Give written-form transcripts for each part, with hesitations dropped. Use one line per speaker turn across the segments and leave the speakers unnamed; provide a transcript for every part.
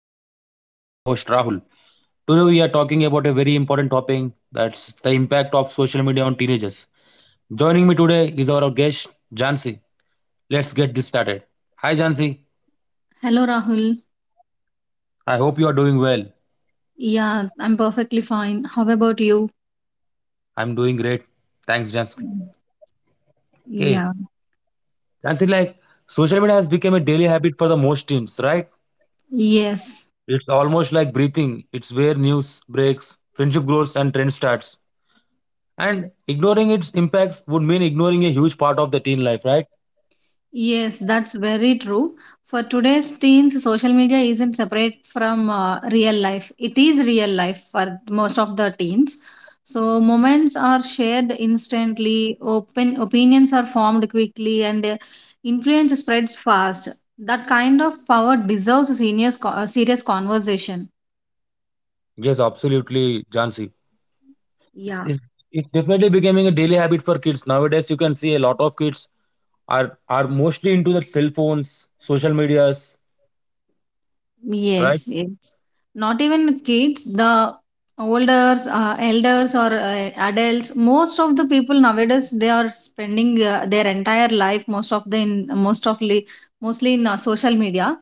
podcast. I'm your host Rahul. Today we are talking about a very important topic, that's the impact of social media on teenagers. Joining me today is our guest Jansi. Let's get this started. Hi Jansi.
Hello, Rahul.
I hope you are doing well.
Yeah, I'm perfectly fine. How about you?
I'm doing great. Thanks Jansi. Okay.
Yeah.
Jansi, like, social media has become a daily habit for the most teens, right?
Yes.
It's almost like breathing. It's where news breaks, friendship grows and trend starts. And ignoring its impacts would mean ignoring a huge part of the teen life, right?
Yes, that's very true. For today's teens, social media isn't separate from real life. It is real life for most of the teens. So moments are shared instantly, open opinions are formed quickly, and influence spreads fast. That kind of power deserves a serious, a serious conversation.
Yes, absolutely, Jansi.
Yeah.
It's, it's definitely becoming a daily habit for kids. Nowadays, you can see a lot of kids are mostly into the cell phones, social medias, right?
Yes, yes. Not even kids, the elders, elders or adults. Most of the people nowadays they are spending their entire life most of the in mostly in social media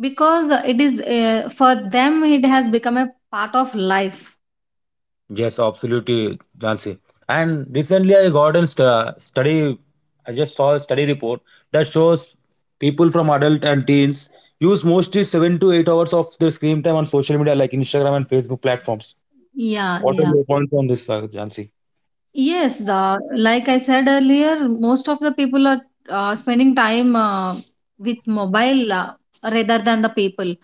because it is for them it has become a part of life.
Yes, absolutely, Jansi. And recently, I got a st- study, I just saw a study report that shows people from adult and teens use mostly 7 to 8 hours of their screen time on social media like Instagram and Facebook platforms.
Yeah,
What are
yeah.
your points on this, Jansi?
Yes, the like I said earlier, most of the people are spending time with mobile rather than the people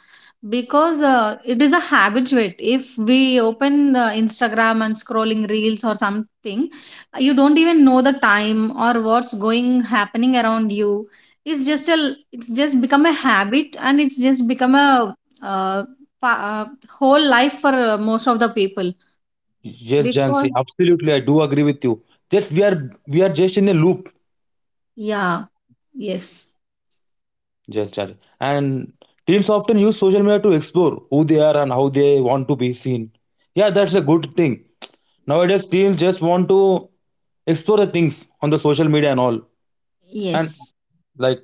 because it is a habituate. If we open Instagram and scrolling reels or something, you don't even know the time or what's going happening around you. It's just a it's just become a habit and it's just become a uh, pa- uh, whole life for most of the people
Yes, Jansi,
because
absolutely. I do agree with you. Just we are just in a loop,
yeah, yes.
just Jansi. And teens often use social media to explore who they are and how they want to be seen. Yeah, that's a good thing. Nowadays, teens just want to explore the things on the social media and all. And
Yes.
like,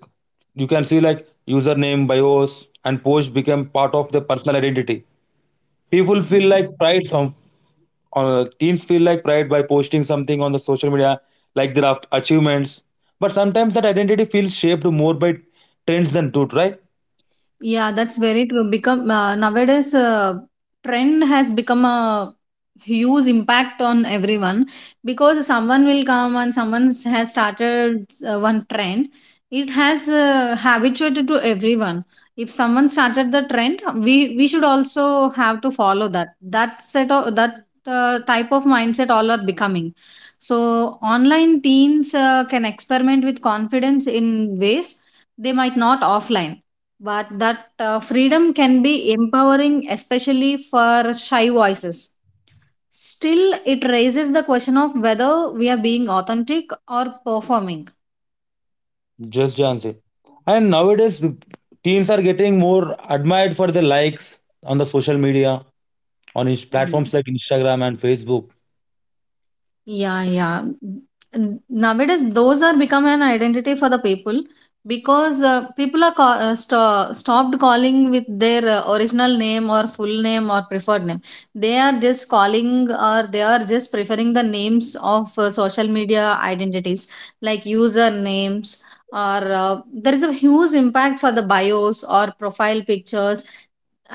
you can see, like, username, bios, and post become part of their personal identity. People feel like pride, some teens feel like pride by posting something on the social media like their achievements, but sometimes that identity feels shaped more by trends than truth, right?
Yeah, that's very true. Become nowadays, trend has become a huge impact on everyone because someone will come and someone has started one trend. It has habituated to everyone. If someone started the trend, we should also have to follow that. That set of that type of mindset all are becoming. So online teens can experiment with confidence in ways they might not offline, but that freedom can be empowering, especially for shy voices. Still, it raises the question of whether we are being authentic or performing.
Just Jansi. And nowadays teens are getting more admired for their likes on the social media, on his platforms like Instagram and Facebook.
Yeah, yeah. Mm, nowadays, those are become an identity for the people because people are stopped calling with their original name or full name or preferred name. They are just calling or they are just preferring the names of social media identities like usernames or there is a huge impact for the bios or profile pictures,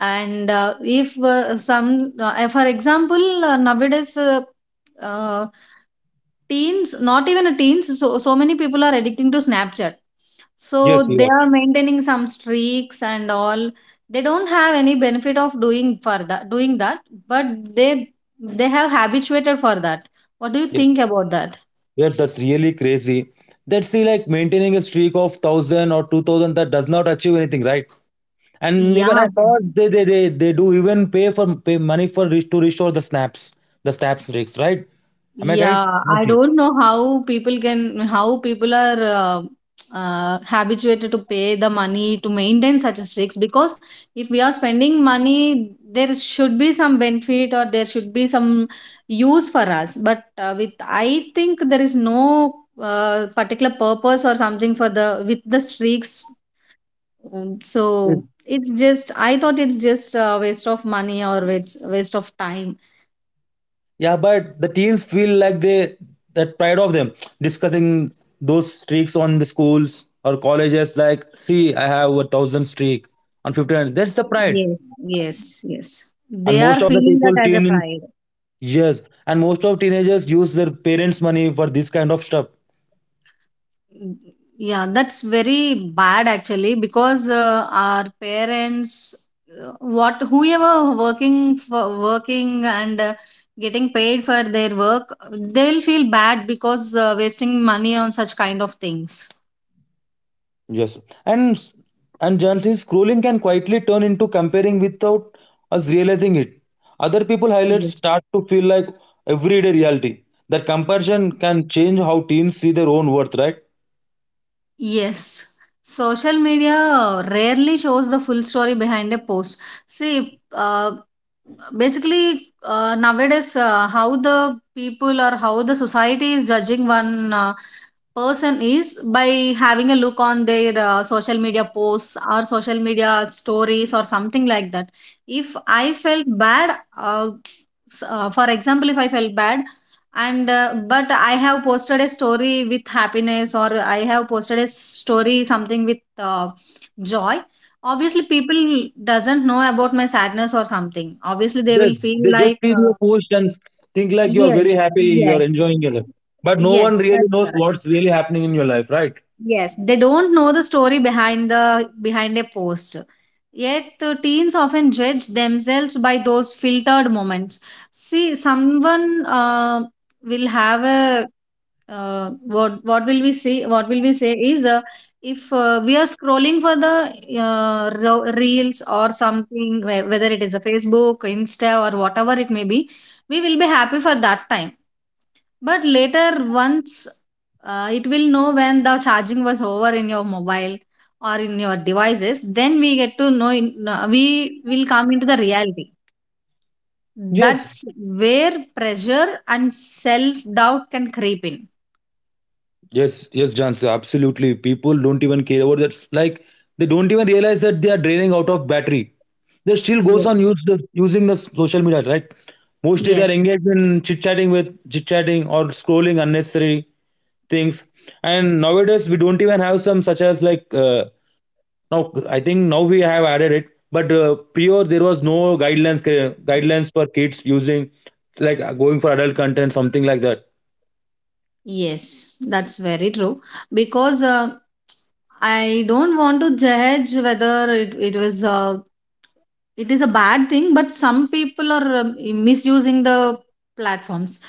and if some for example nowadays uh, teens, not even a teens, so so many people are addicting to Snapchat, so
Yes, you
they
are.
are maintaining some streaks and all. They don't have any benefit of doing for that, doing that, but they they have habituated for that. What do you
Yes,
think about that?
yes, that's really crazy. That's, see, like maintaining a streak of 1000 or 2000, that does not achieve anything, right? And
Yeah,
even I thought they do even pay money for to restore the snaps rigs, right? Am I correct?
yeah, I
Nothing.
don't know how people can, how people are habituated to pay the money to maintain such a streaks, because if we are spending money, there should be some benefit or there should be some use for us. But I think there is no particular purpose or something for the, with the streaks. Mm, so it's just, I thought it's just a waste of money or waste, waste of time.
Yeah, but the teams feel like they, that pride of them, discussing those streaks on the schools or colleges. Like, see, I have a thousand streak on 15. That's the pride,
Yes, yes, yes.
and
They are
most of the
feeling that
people
as a
teen.
pride.
Yes, and most of teenagers use their parents' money for this kind of stuff.
Mm, yeah, that's very bad actually because our parents, what whoever working for working and getting paid for their work, they will feel bad because wasting money on such kind of things.
Yes, and Jansi, scrolling can quietly turn into comparing without us realizing it. Other people highlights
Yes.
start to feel like everyday reality. That comparison can change how teens see their own worth, right?
Yes, social media rarely shows the full story behind a post. See, basically, nowadays, how the people or how the society is judging one person is by having a look on their social media posts or social media stories or something like that. If I felt bad, uh, s- For example, if I felt bad, and but I have posted a story with happiness, or I have posted a story something with joy, obviously people doesn't know about my sadness or something. Obviously they
Yes,
will feel
they just
like
see your post and think like you are very
yes,
happy, you
yes,
are enjoying your life. But no
yes,
one really
that's
knows
correct.
what's really happening in your life, right?
Yes, they don't know the story behind the behind a post. Yet, teens often judge themselves by those filtered moments. See, someone will have a what will we see what will we say is if we are scrolling for the reels or something, whether it is a Facebook, Insta, or whatever it may be, we will be happy for that time, but later, once it will know when the charging was over in your mobile or in your devices, then we get to know we will come into the reality.
Yes.
That's where pressure and self doubt can creep in.
Yes, yes, Jansi, absolutely. People don't even care about that. Like, they don't even realize that they are draining out of battery. They still goes on
Yes,
using the social media. Like, mostly they
yes.
are engaged in chit chatting or scrolling unnecessary things. And nowadays we don't even have some such as like now. I think now we have added it, but prior there was no guidelines, guidelines for kids using, like, going for adult content, something like that.
Yes, that's very true. Because I don't want to judge whether it was it is a bad thing, but some people are misusing the platforms,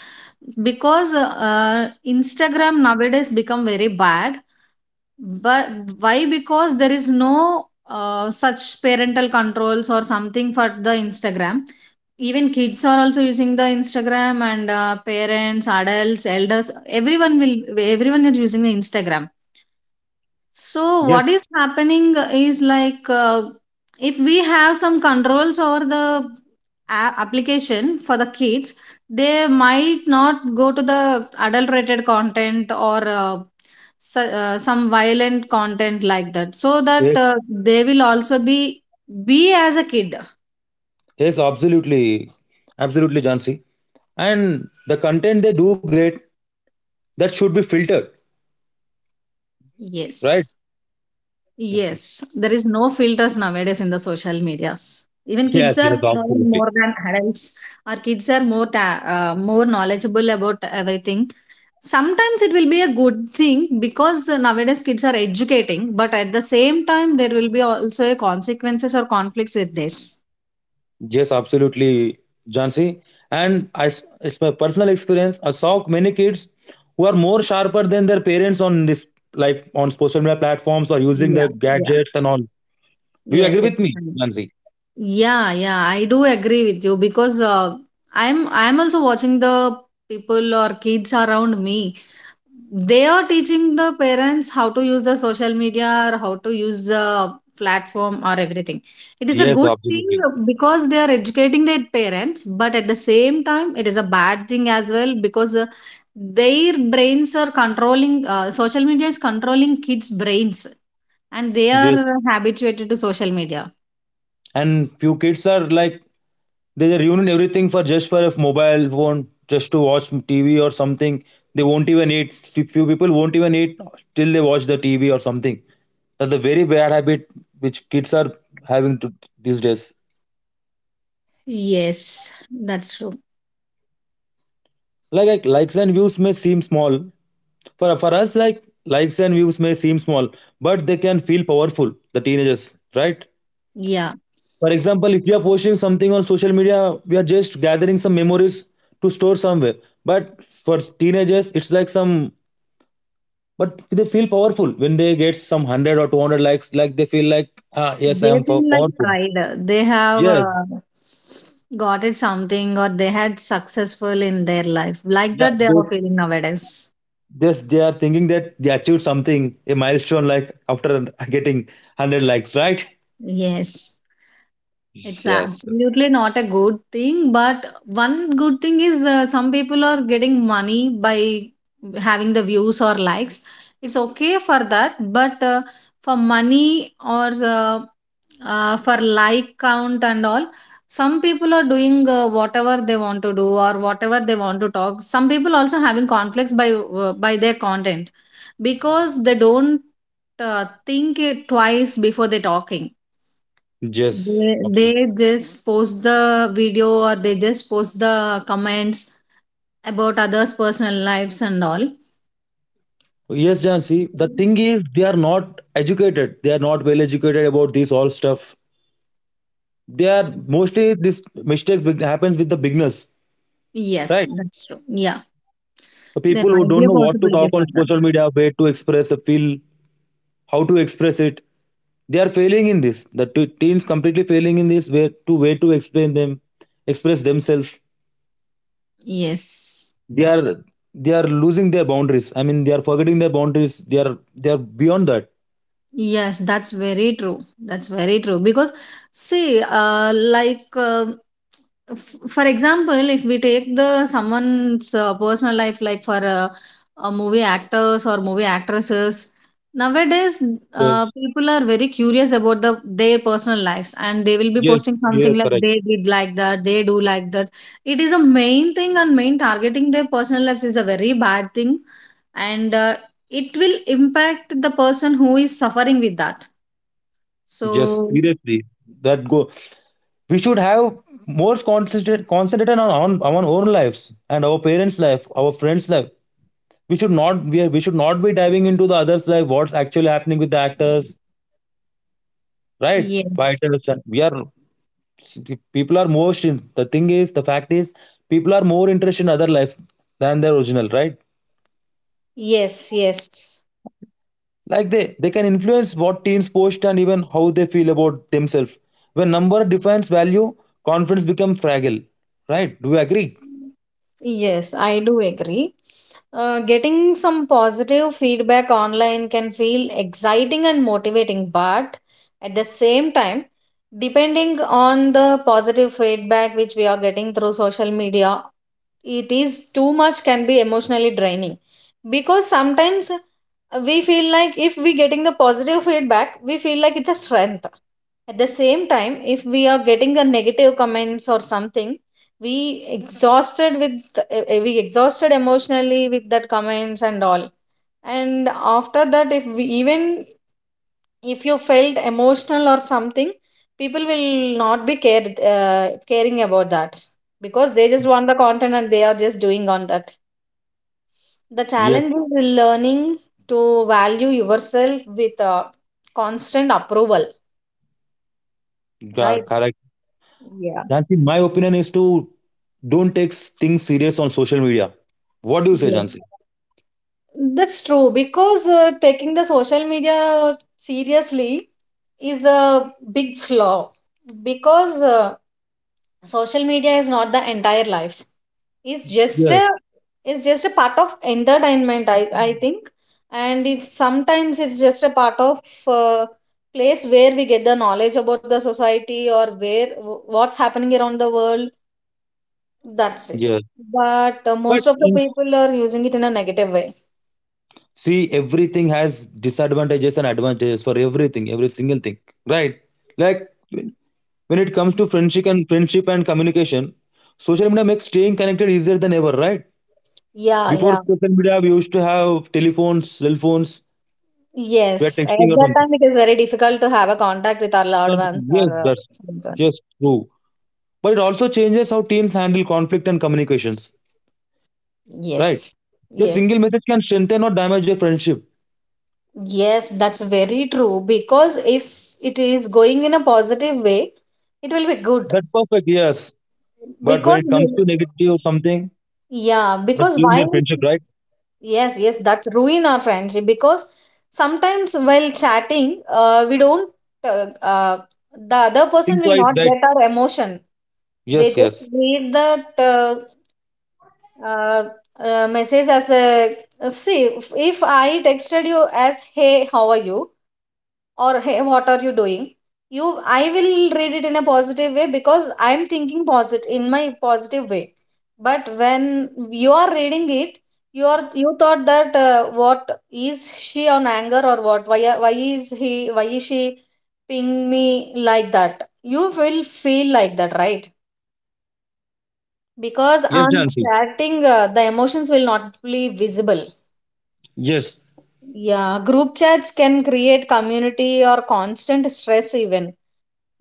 because Instagram nowadays become very bad. But why? Because there is no such parental controls or something for the Instagram. Even kids are also using the Instagram, and parents, adults, elders, everyone will everyone is using the Instagram. So, what is happening is like if we have some controls over the application for the kids, they might not go to the adulterated content or some violent content like that, so that
Yes.
they will also be as a kid.
Yes, absolutely. Absolutely, Jansi. And the content they do get, that should be filtered,
Yes.
right?
Yes,
Yes, sir.
there is no filters nowadays in the social medias. Even kids
Yes,
are
yes,
knowing more
absolutely.
than adults. Our kids are more knowledgeable about everything. Sometimes it will be a good thing because nowadays kids are educating, but at the same time there will be also a consequences or conflicts with this.
Yes, absolutely, Jansi. And it's my personal experience. I saw many kids who are more sharper than their parents on this, like on social media platforms or using the
Yeah, yeah.
gadgets and all. Do you agree
Yes, it's
with me,
fine.
Jansi?
Yeah, yeah, I do agree with you because I'm also watching the people or kids around me. They are teaching the parents how to use the social media or how to use the platform or everything. It is a
Yes,
good thing
absolutely.
because they are educating their parents, but at the same time it is a bad thing as well, because their brains are controlling social media is controlling kids brains, and they are habituated to social media.
And few kids are like, they are ruin everything for just for a mobile phone, just to watch TV or something. They won't even eat, few people won't even eat till they watch the TV or something. That's a very bad habit which kids are having to, these days.
Yes, that's true.
Like, likes and views may seem small for us, like, likes and views may seem small, but they can feel powerful the teenagers, right?
Yeah,
For example, if we are posting something on social media, we are just gathering some memories to store somewhere. But for teenagers, it's like some. But they feel powerful when they get some 100 or 200 likes. Like they feel like, ah, yes, I
they
am
feel like
powerful.
pride. They have
Yes,
got it something, or they had successful in their life, like
yeah,
that they are feeling nowadays.
yes, they are thinking that they achieved something, a milestone. Like after getting 100 likes, right?
Yes, it's
Yes,
absolutely not a good thing, but one good thing is some people are getting money by having the views or likes. It's okay for that, but for money or uh, for like count and all, some people are doing whatever they want to do or whatever they want to talk. Some people also having conflicts by their content, because they don't think it twice before they talking.
yes.
They
Absolutely.
just post the video, or they just post the comments about others personal lives and all.
Yes, Jansi. The thing is, they are not educated. They are not well educated about this all stuff. They are mostly, this mistake happens with the beginners,
Yes,
right?
that's true. Yeah,
The
there
people who
might be
don't
a
know what to
possibility
talk on
for that.
social media, where to express a feel, how to express it. They are failing in this. The teens completely failing in this way to, way to explain them, express themselves.
Yes.
They are they are losing their boundaries. I mean, they are forgetting their boundaries. They are beyond that.
Yes, that's very true. That's very true. Because, see, for example, if we take the someone's personal life, like for movie actors or movie actresses, nowadays
Yes,
people are very curious about the their personal lives, and they will be
yes,
posting
you
something
are
like
correct.
they did like that, they do like that. It is a main thing, and main targeting their personal lives is a very bad thing, and it will impact the person who is suffering with that.
Just,
So,
seriously, that go, we should have more concentrate concentrated on our own lives and our parents life, our friends life. We should not be diving into the others life, what's actually happening with the actors, right,
yes,
fighters. And we are, people are more in, the thing is, the fact is, people are more interested in other life than their original, right?
yes, yes,
Like, they can influence what teens post and even how they feel about themselves. When number defines value, confidence becomes fragile, right? Do you agree?
yes, I do agree. Getting some positive feedback online can feel exciting and motivating, but at the same time, depending on the positive feedback which we are getting through social media, it is too much can be emotionally draining, because sometimes we feel like if we getting the positive feedback, we feel like it's a strength. At the same time, if we are getting a negative comments or something, we exhausted with we exhausted emotionally with that comments and all. And after that, if we even if you felt emotional or something, people will not be care caring about that, because they just want the content and they are just doing on that. The
Yes.
challenge is learning to value yourself with constant approval, right?
Correct.
Yeah.
Jansi, my opinion is to don't take things serious on social media. What do you say, Jansi?
That's true, because taking the social media seriously is a big flaw, because social media is not the entire life. It's just
Yes,
a it's just a part of entertainment, I think, and it's sometimes it's just a part of uh, place where we get the knowledge about the society or what's happening around the world. That's it.
yes.
But
But
most of the
in
people are using it in a negative way.
See, everything has disadvantages and advantages for everything, every single thing, right? Like, when it comes to friendship and communication, social media makes staying connected easier than ever, right?
Yeah,
Before
yeah.
social media, we used to have telephones, cell phones,
Yes,
we are
at
texting or
that
something.
time it is very difficult to have a contact with our loved ones or
Yes, that's
someone.
just true. But it also changes how teens handle conflict and communications, right?
Yes,
Your
yes,
single message can strengthen or damage your friendship.
yes, that's very true, because if it is going in a positive way, it will be good
That's perfect, yes. But when
because
it comes to negative or something,
yeah,
that's
because
ruin their
why?
friendship, right?
Yes, yes, that's ruin our friendship because sometimes while chatting, we don't uh, uh, the other
Think
person will
twice,
not
right?
get our emotion. They
Yes,
just
yes.
read that. Uh, message as a see, if I texted you as, "Hey, how are you?" Or, "Hey, what are you doing?" you I will read it in a positive way because I'm thinking positive in my positive way. But when you are reading it, you thought that, "What is she on anger or what? Why is he? Why is she ping me?" Like that. You will feel like that, right? Because
Yes,
on
Janti.
chatting, the emotions will not be visible.
Yes.
Yeah, group chats can create community or constant stress, even.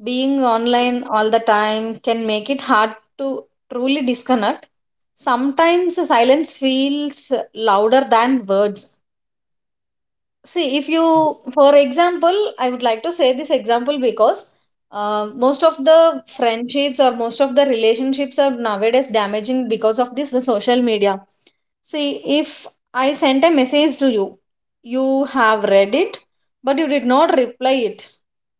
Being online all the time can make it hard to truly disconnect. Sometimes silence feels louder than words. See, if you, for example, I would like to say this example because most of the friendships or most of the relationships are nowadays damaging because of this social media. See, if I sent a message to you, you have read it, but you did not reply it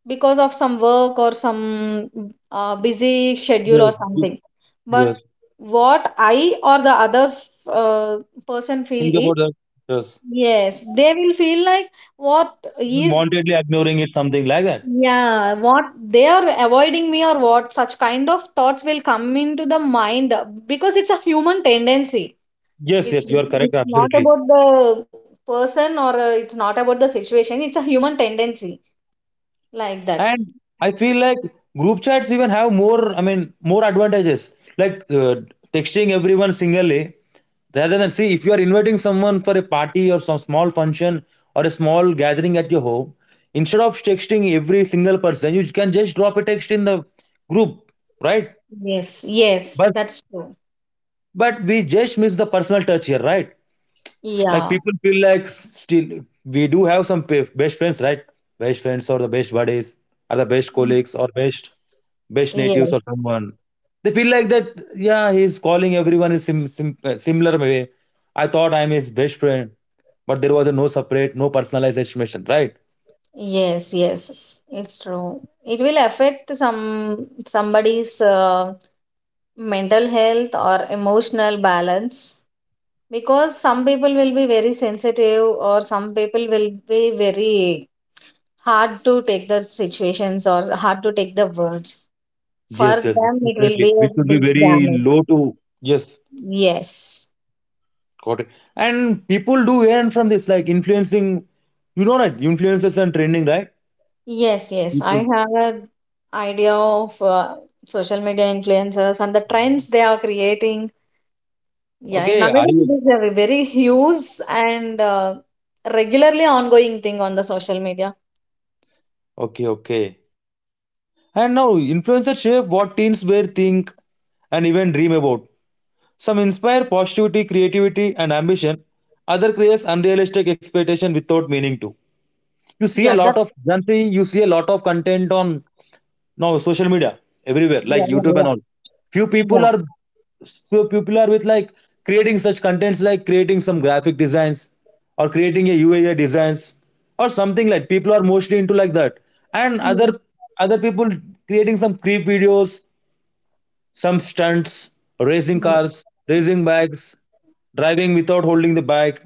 because of some work or some busy schedule or
Yes.
something. But
Yes.
what I or the other uh, person feel
Think
is,
about that. Yes.
yes, they will feel like, what is,
Unwantedly ignoring it, something like that.
yeah, what, they are avoiding me, or what, such kind of thoughts will come into the mind because it's a human tendency.
Yes,
It's
yes, you are correct,
it's not
absolutely.
about the person, or it's not about the situation. It's a human tendency like that.
And I feel like group chats even have more, I mean, more advantages. Like, texting everyone singly, rather than, see, if you are inviting someone for a party or some small function or a small gathering at your home, instead of texting every single person, you can just drop a text in the group, right?
Yes, yes,
But
that's true.
but we just miss the personal touch here, right? Like,
Yeah,
people feel like still we do have some best friends, right? Best friends or the best buddies or the best colleagues or best natives or
yes,
someone, they feel like that. Yeah, he's calling everyone in similar way, I thought I'm his best friend, but there was a no separate, no personalized estimation, right?
yes, yes, it's true. It will affect somebody's mental health or emotional balance, because some people will be very sensitive, or some people will be very hard to take the situations or hard to take the words. For
Yes, yes,
them, it will
definitely
be a
we should be
big
very
damage.
low to. Yes.
Yes,
Got it. And people do earn from this, like influencing, you know, right? Influencers and trending, right?
yes, yes, I
People.
have an idea of social media influencers and the trends they are creating. Yeah, and
Okay, are
nowadays
you?
it is a very huge and regularly ongoing thing on the social media.
Okay, okay. And now influencers shape what teens wear, think, and even dream about. Some inspire positivity, creativity, and ambition. Other creates unrealistic expectation without meaning to. You see a
Yeah,
lot
that's
of, generally you see a lot of content on now social media everywhere,
yeah,
like YouTube
yeah,
and all. Few
yeah, yeah.
people are Few people are with, like, creating such contents like creating some graphic designs or creating a UI designs or something, like people are mostly into like that. And
Yes,
other people creating some creep videos, some stunts, racing cars, racing bikes, driving without holding the bike.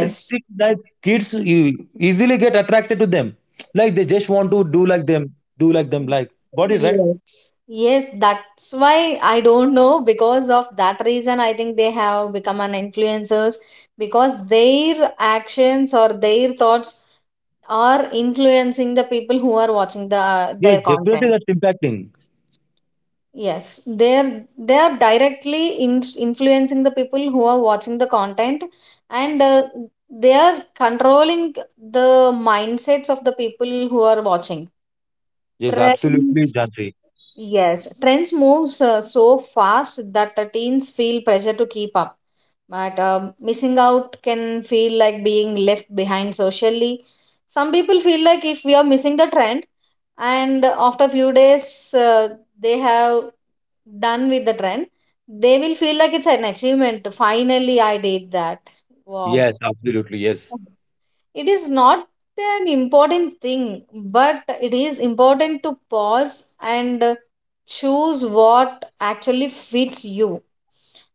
I think that kids, you easily get attracted to them. Like, they just want to do like them, like body,
yes,
right?
yes. Yes, that's why, I don't know. Because of that reason, I think they have become an influencers, because their actions or their thoughts are influencing the people who are watching the
Yes,
their
definitely
content.
that's impacting.
Yes, they are directly influencing the people who are watching the content, and they are controlling the mindsets of the people who are watching.
Yes, absolutely,
Trends,
Jansi.
yes, trends moves so fast that the teens feel pressure to keep up. But missing out can feel like being left behind socially. Some people feel like, if we are missing the trend, and after a few days they have done with the trend, they will feel like it's an achievement. Finally, I did that. Wow.
Yes, absolutely, yes.
It is not an important thing, but it is important to pause and choose what actually fits you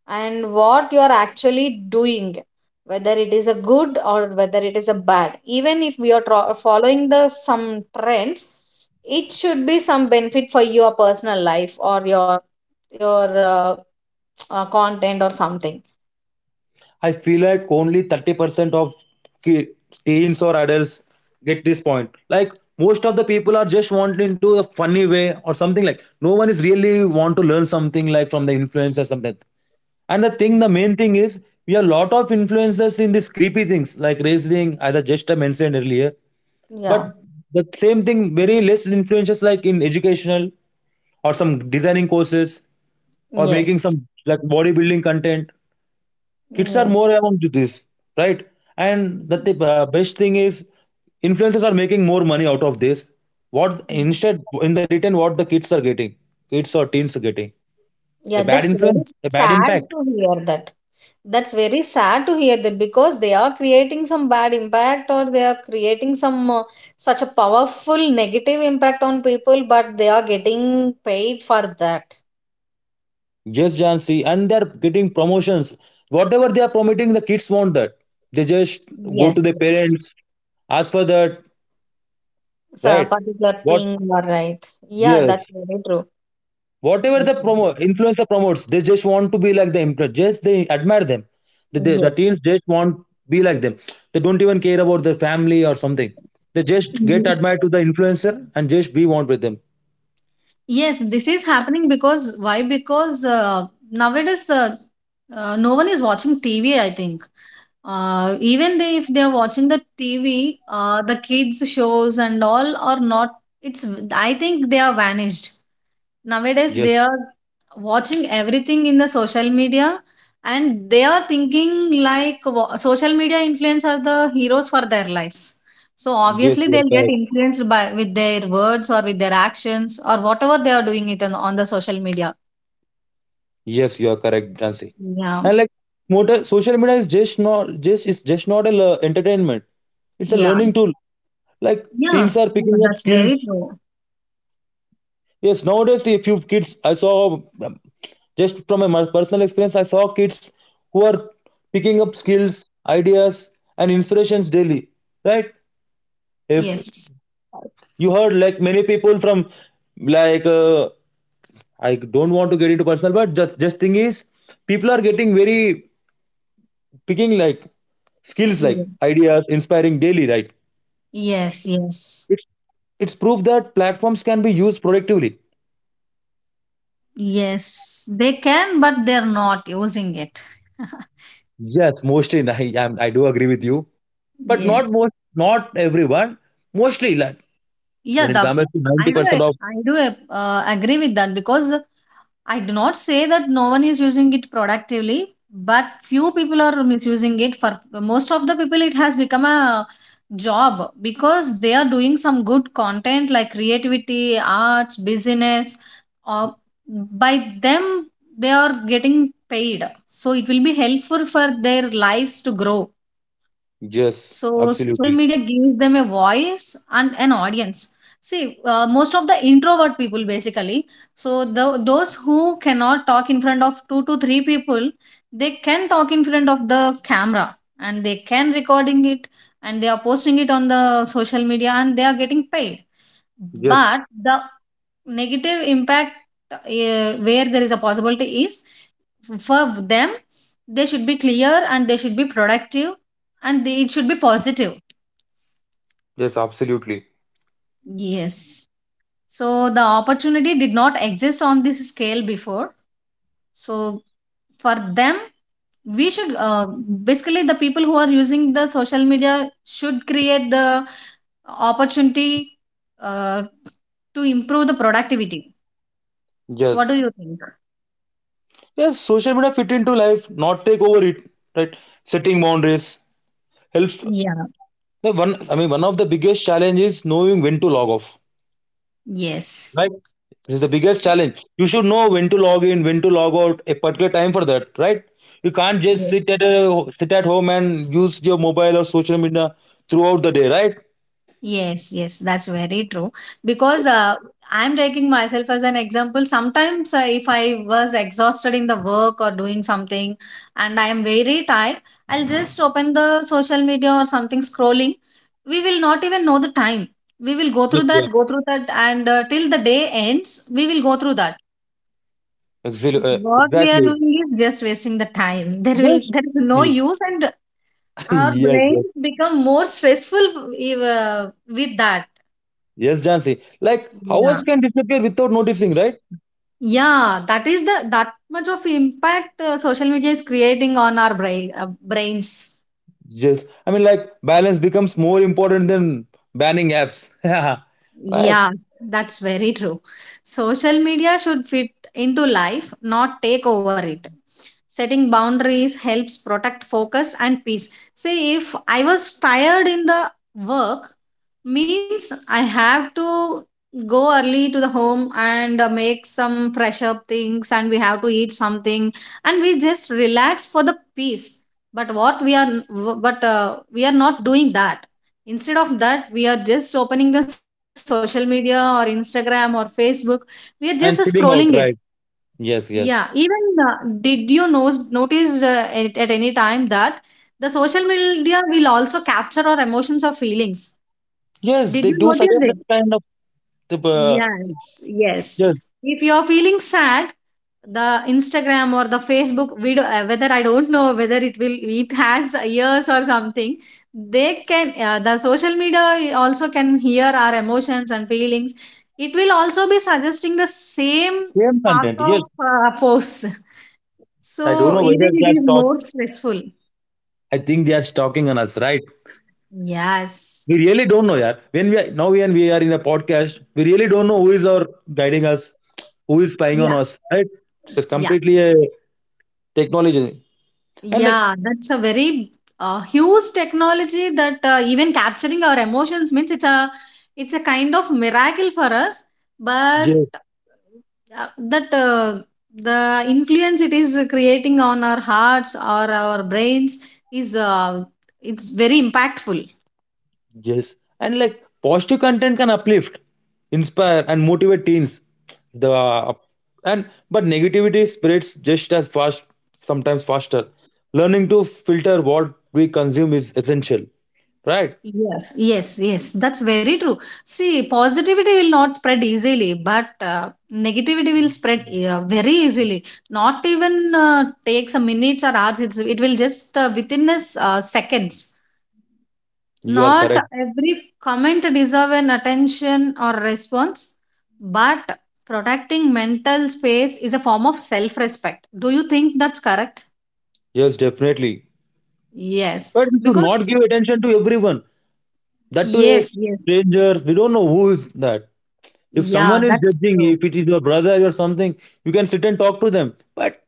and what you are actually doing, whether it is a good or whether it is a bad. Even if we are following the some trends, it should be some benefit for your personal life or your uh, content or something.
I feel like only 30% of ki- teens or adults get this point. Like, most of the people are just wanting to a funny way or something, like no one is really want to learn something, like from the influencers something. And the thing, the main thing is, we have a lot of influencers in these creepy things like wrestling, as I just mentioned earlier.
Yeah,
But the same thing, very less influencers like in educational or some designing courses or making
yes,
some like bodybuilding content, kids are
yeah,
more around to this, right? And the best thing is influencers are making more money out of this. What instead, in the return, what the kids are getting, kids or teens are getting, the
yeah,
bad
that's very
influence, the bad
sad to
impact.
hear that. That's very sad to hear that, because they are creating some bad impact, or they are creating some such a powerful negative impact on people, but they are getting paid for that.
Just Jansi and they're getting promotions. Whatever they are promoting, the kids want that. They just go to
Yes,
their
yes.
parents, ask for that,
So
right?
particular thing,
What?
you are right. Yeah,
Yes.
that's very true.
Whatever the promo influencer promotes, they just want to be like them. Just they admire them. The
Yes.
teens just want be like them. They don't even care about their family or something. They just get admired to the influencer and just be want with them.
Yes, this is happening because why? Because nowadays the no one is watching TV, I think. Even they, if they are watching the TV, the kids shows and all are not. It's, I think they are vanished. Nowadays
Yes,
they are watching everything in the social media, and they are thinking like, social media influencers are the heroes for their lives. So
yes,
obviously
you're
they'll get
correct.
influenced by with their words or with their actions or whatever they are doing it on the social media.
Yes, you're correct, Jansi.
Yeah,
And like motor, social media is just not just it's just not a le- entertainment. It's a
yeah,
learning tool. Like teens
yes,
are
yeah,
picking up
that's
skills.
very true.
Yes, nowadays a few kids I saw. Just from my personal experience, I saw kids who are picking up skills, ideas, and inspirations daily. Right? If
Yes.
you heard like many people from like, I don't want to get into personal, but just thing is, people are getting very picking like skills
Yeah.
like ideas inspiring daily. Right?
Yes, yes,
It's it's proof that platforms can be used productively.
yes, they can, but they're not using it.
Yes, mostly. And I do agree with you, but not
Yes.
most, not everyone. Mostly, like
Yeah,
when it
the
comes to ninety percent of.
I do agree with that because I do not say that no one is using it productively, but few people are misusing it. For most of the people, it has become a job because they are doing some good content like creativity, arts, business. Or by them, they are getting paid, so it will be helpful for their lives to grow. So
Yes,
social media
absolutely.
gives them a voice and an audience. See, most of the introvert people basically, so those who cannot talk in front of two to three people, they can talk in front of the camera, and they can recording it, and they are posting it on the social media, and they are getting paid.
Yes,
But the negative impact where there is a possibility is, for them, they should be clear, and they should be productive, and they, it should be positive.
yes, absolutely.
Yes. So the opportunity did not exist on this scale before. So for them, we should basically the people who are using the social media should create the opportunity uh, to improve the productivity. What do
Yes.
you think?
Yes, social media fit into life, not take over it, right? Setting boundaries helps.
Yeah,
The one, I mean, one of the biggest challenges is knowing when to log off,
yes.
right? This is the biggest challenge. You should know when to log in, when to log out, a particular time for that, right? You can't just sit sit at home and use your mobile or social media throughout the day, right?
Yes, yes, that's very true. Because I'm taking myself as an example. Sometimes, if I was exhausted in the work or doing something, and I am very tired, I'll just open the social media or something scrolling. We will not even know the time. We will
Yes, sir.
go through that, and till the day ends, we will go through that.
Exactly.
What we are
Exactly.
doing is just wasting the time.
Yes.
There is no use, and our
Yes.
brains
Yes.
become more stressful with that.
Yes, Jansi. Like hours
Yeah.
can disappear without noticing, right?
Yeah, that is the that much of impact social media is creating on our brains.
Yes. I mean, like balance becomes more important than banning apps. Right.
Yeah, that's very true. Social media should fit into life, not take over it. Setting boundaries helps protect focus and peace. Say, if I was tired in the work, means I have to go early to the home, and make some fresh up things, and we have to eat something, and we just relax for the peace. But what we are, but we are not doing that. Instead of that, we are just opening the social media, or Instagram, or Facebook. We are just
And
scrolling it.
sitting out, right?
Yeah.
Yes, yes.
Even uh, did you notice at any time, that the social media will also capture our emotions or feelings?
Yes,
Did
they
you
do suggest
notice
that
it?
kind of the
Yes. Yes.
yes,
If you are feeling sad, the Instagram or the Facebook we do whether I don't know whether it will, it has ears or something. They can the social media also can hear our emotions and feelings. It will also be suggesting the same
same
path
content. Yes.
of posts.
I don't
So
know
even
whether they
it
are
is
talk.
more stressful.
I think they are stalking on us, right?
Yes.
We really don't know, yeah. When we are in a podcast, we really don't know who is our guiding us, who is spying on
Yeah.
us, right? So it's
Yeah.
completely a technology. And like,
Yeah, that's a very huge technology, that even capturing our emotions means it's a kind of miracle for us. But
yes.
that the influence it is creating on our hearts or our brains is it's very impactful.
Yes. And like positive content can uplift, inspire, and motivate teens. The and but negativity spreads just as fast, sometimes faster. Learning to filter what we consume is essential. Right?
Yes, yes, yes. That's very true. See, positivity will not spread easily, but negativity will spread very easily. Not even takes a minutes or hours. It's, it will just within a seconds.
You are
Not
correct.
every comment deserve an attention or response, but protecting mental space is a form of self-respect. Do you think that's correct?
Yes, definitely.
Yes,
But we should not
because
give attention to everyone. That to a
yes, yes,
stranger, we don't know who is that. If someone
yeah,
is
that's
judging,
true.
if it is your brother or something, you can sit and talk to them. But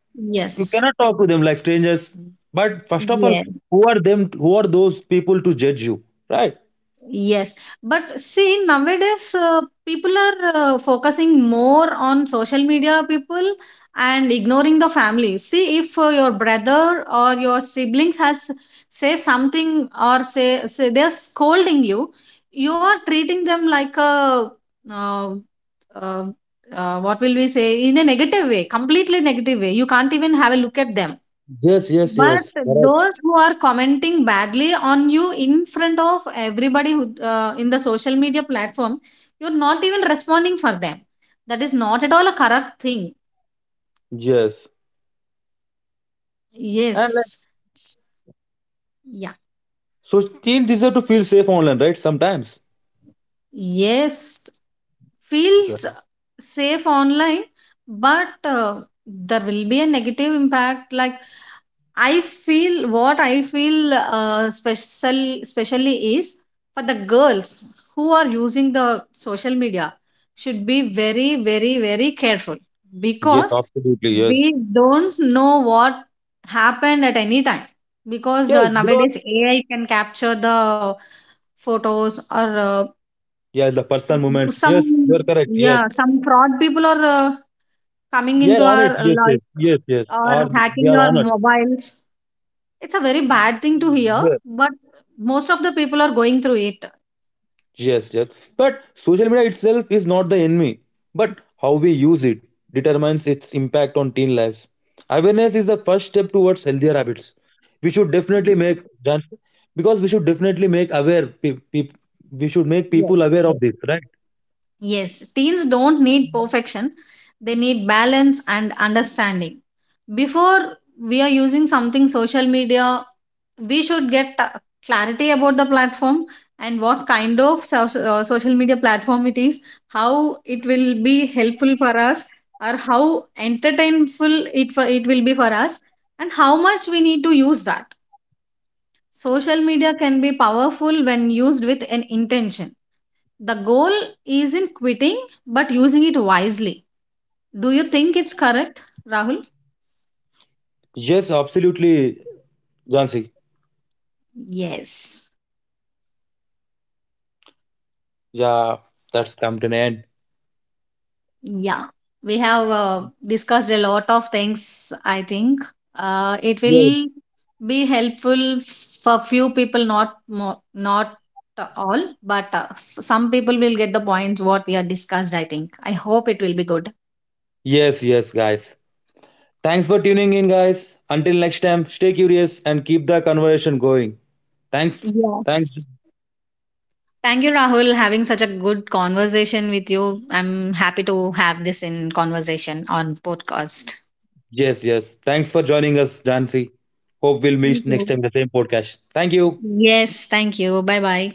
you
Yes.
cannot talk to them like strangers. But first of all,
Yeah.
who are them, who are those people to judge you, right?
Yes. But see, nowadays people are focusing more on social media people and ignoring the family. See, if your brother or your siblings has say something, or say they're scolding you, you are treating them like a uh, uh, what will we say, in a negative way, completely negative way. You can't even have a look at them.
Yes, yes,
But
yes. Correct.
those who are commenting badly on you in front of everybody who in the social media platform, you're not even responding for them. That is not at all a correct thing.
Yes, and like,
Yes.
so teens deserve to feel safe online, right? Sometimes.
Yes,
Yeah.
feels safe online, but there will be a negative impact. Like, I feel what I feel specially is, for the girls who are using the social media, should be very very very careful,
Yes,
because
absolutely, yes.
we don't know what happened at any time, because
Yes, because
nowadays AI can capture the photos, or
yeah, the personal moments,
some
yes, you are correct, yeah.
yeah, some fraud people are coming
Yeah,
into
on
our
it, yes, yes,
life,
yes, yes,
or
or they
hacking
are
our
on
mobiles. It's a very bad thing to hear,
it.
but most of the people are going through it.
Yes, yes. But social media itself is not the enemy, but how we use it determines its impact on teen lives. Awareness is the first step towards healthier habits. We should definitely make done-, because we should definitely make aware pe- pe- we should make people
Yes,
aware
yes.
of this, right?
Yes, teens don't need perfection. They need balance and understanding. Before we are using something social media, we should get clarity about the platform, and what kind of social media platform it is, how it will be helpful for us, or how entertainful it will be for us, and how much we need to use that. Social media can be powerful when used with an intention. The goal isn't quitting, but using it wisely. Do you think it's correct, Rahul?
Yes, absolutely, Jansi.
Yes.
Yeah, that's come to an end.
Yeah, we have discussed a lot of things. I think it
Yes.
will be helpful for few people, not not all, but some people will get the points what we are discussed. I think. I hope it will be good.
Yes, yes, guys. Thanks for tuning in, guys. Until next time, stay curious and keep the conversation going. Thanks. Thanks.
Yes. Thank you, Rahul, having such a good conversation with you. I'm happy to have this in conversation on podcast.
Yes, yes. Thanks for joining us, Jansi. Hope we'll
Thank
meet next
you.
time in the same podcast. Thank you.
Yes, thank you. Bye bye.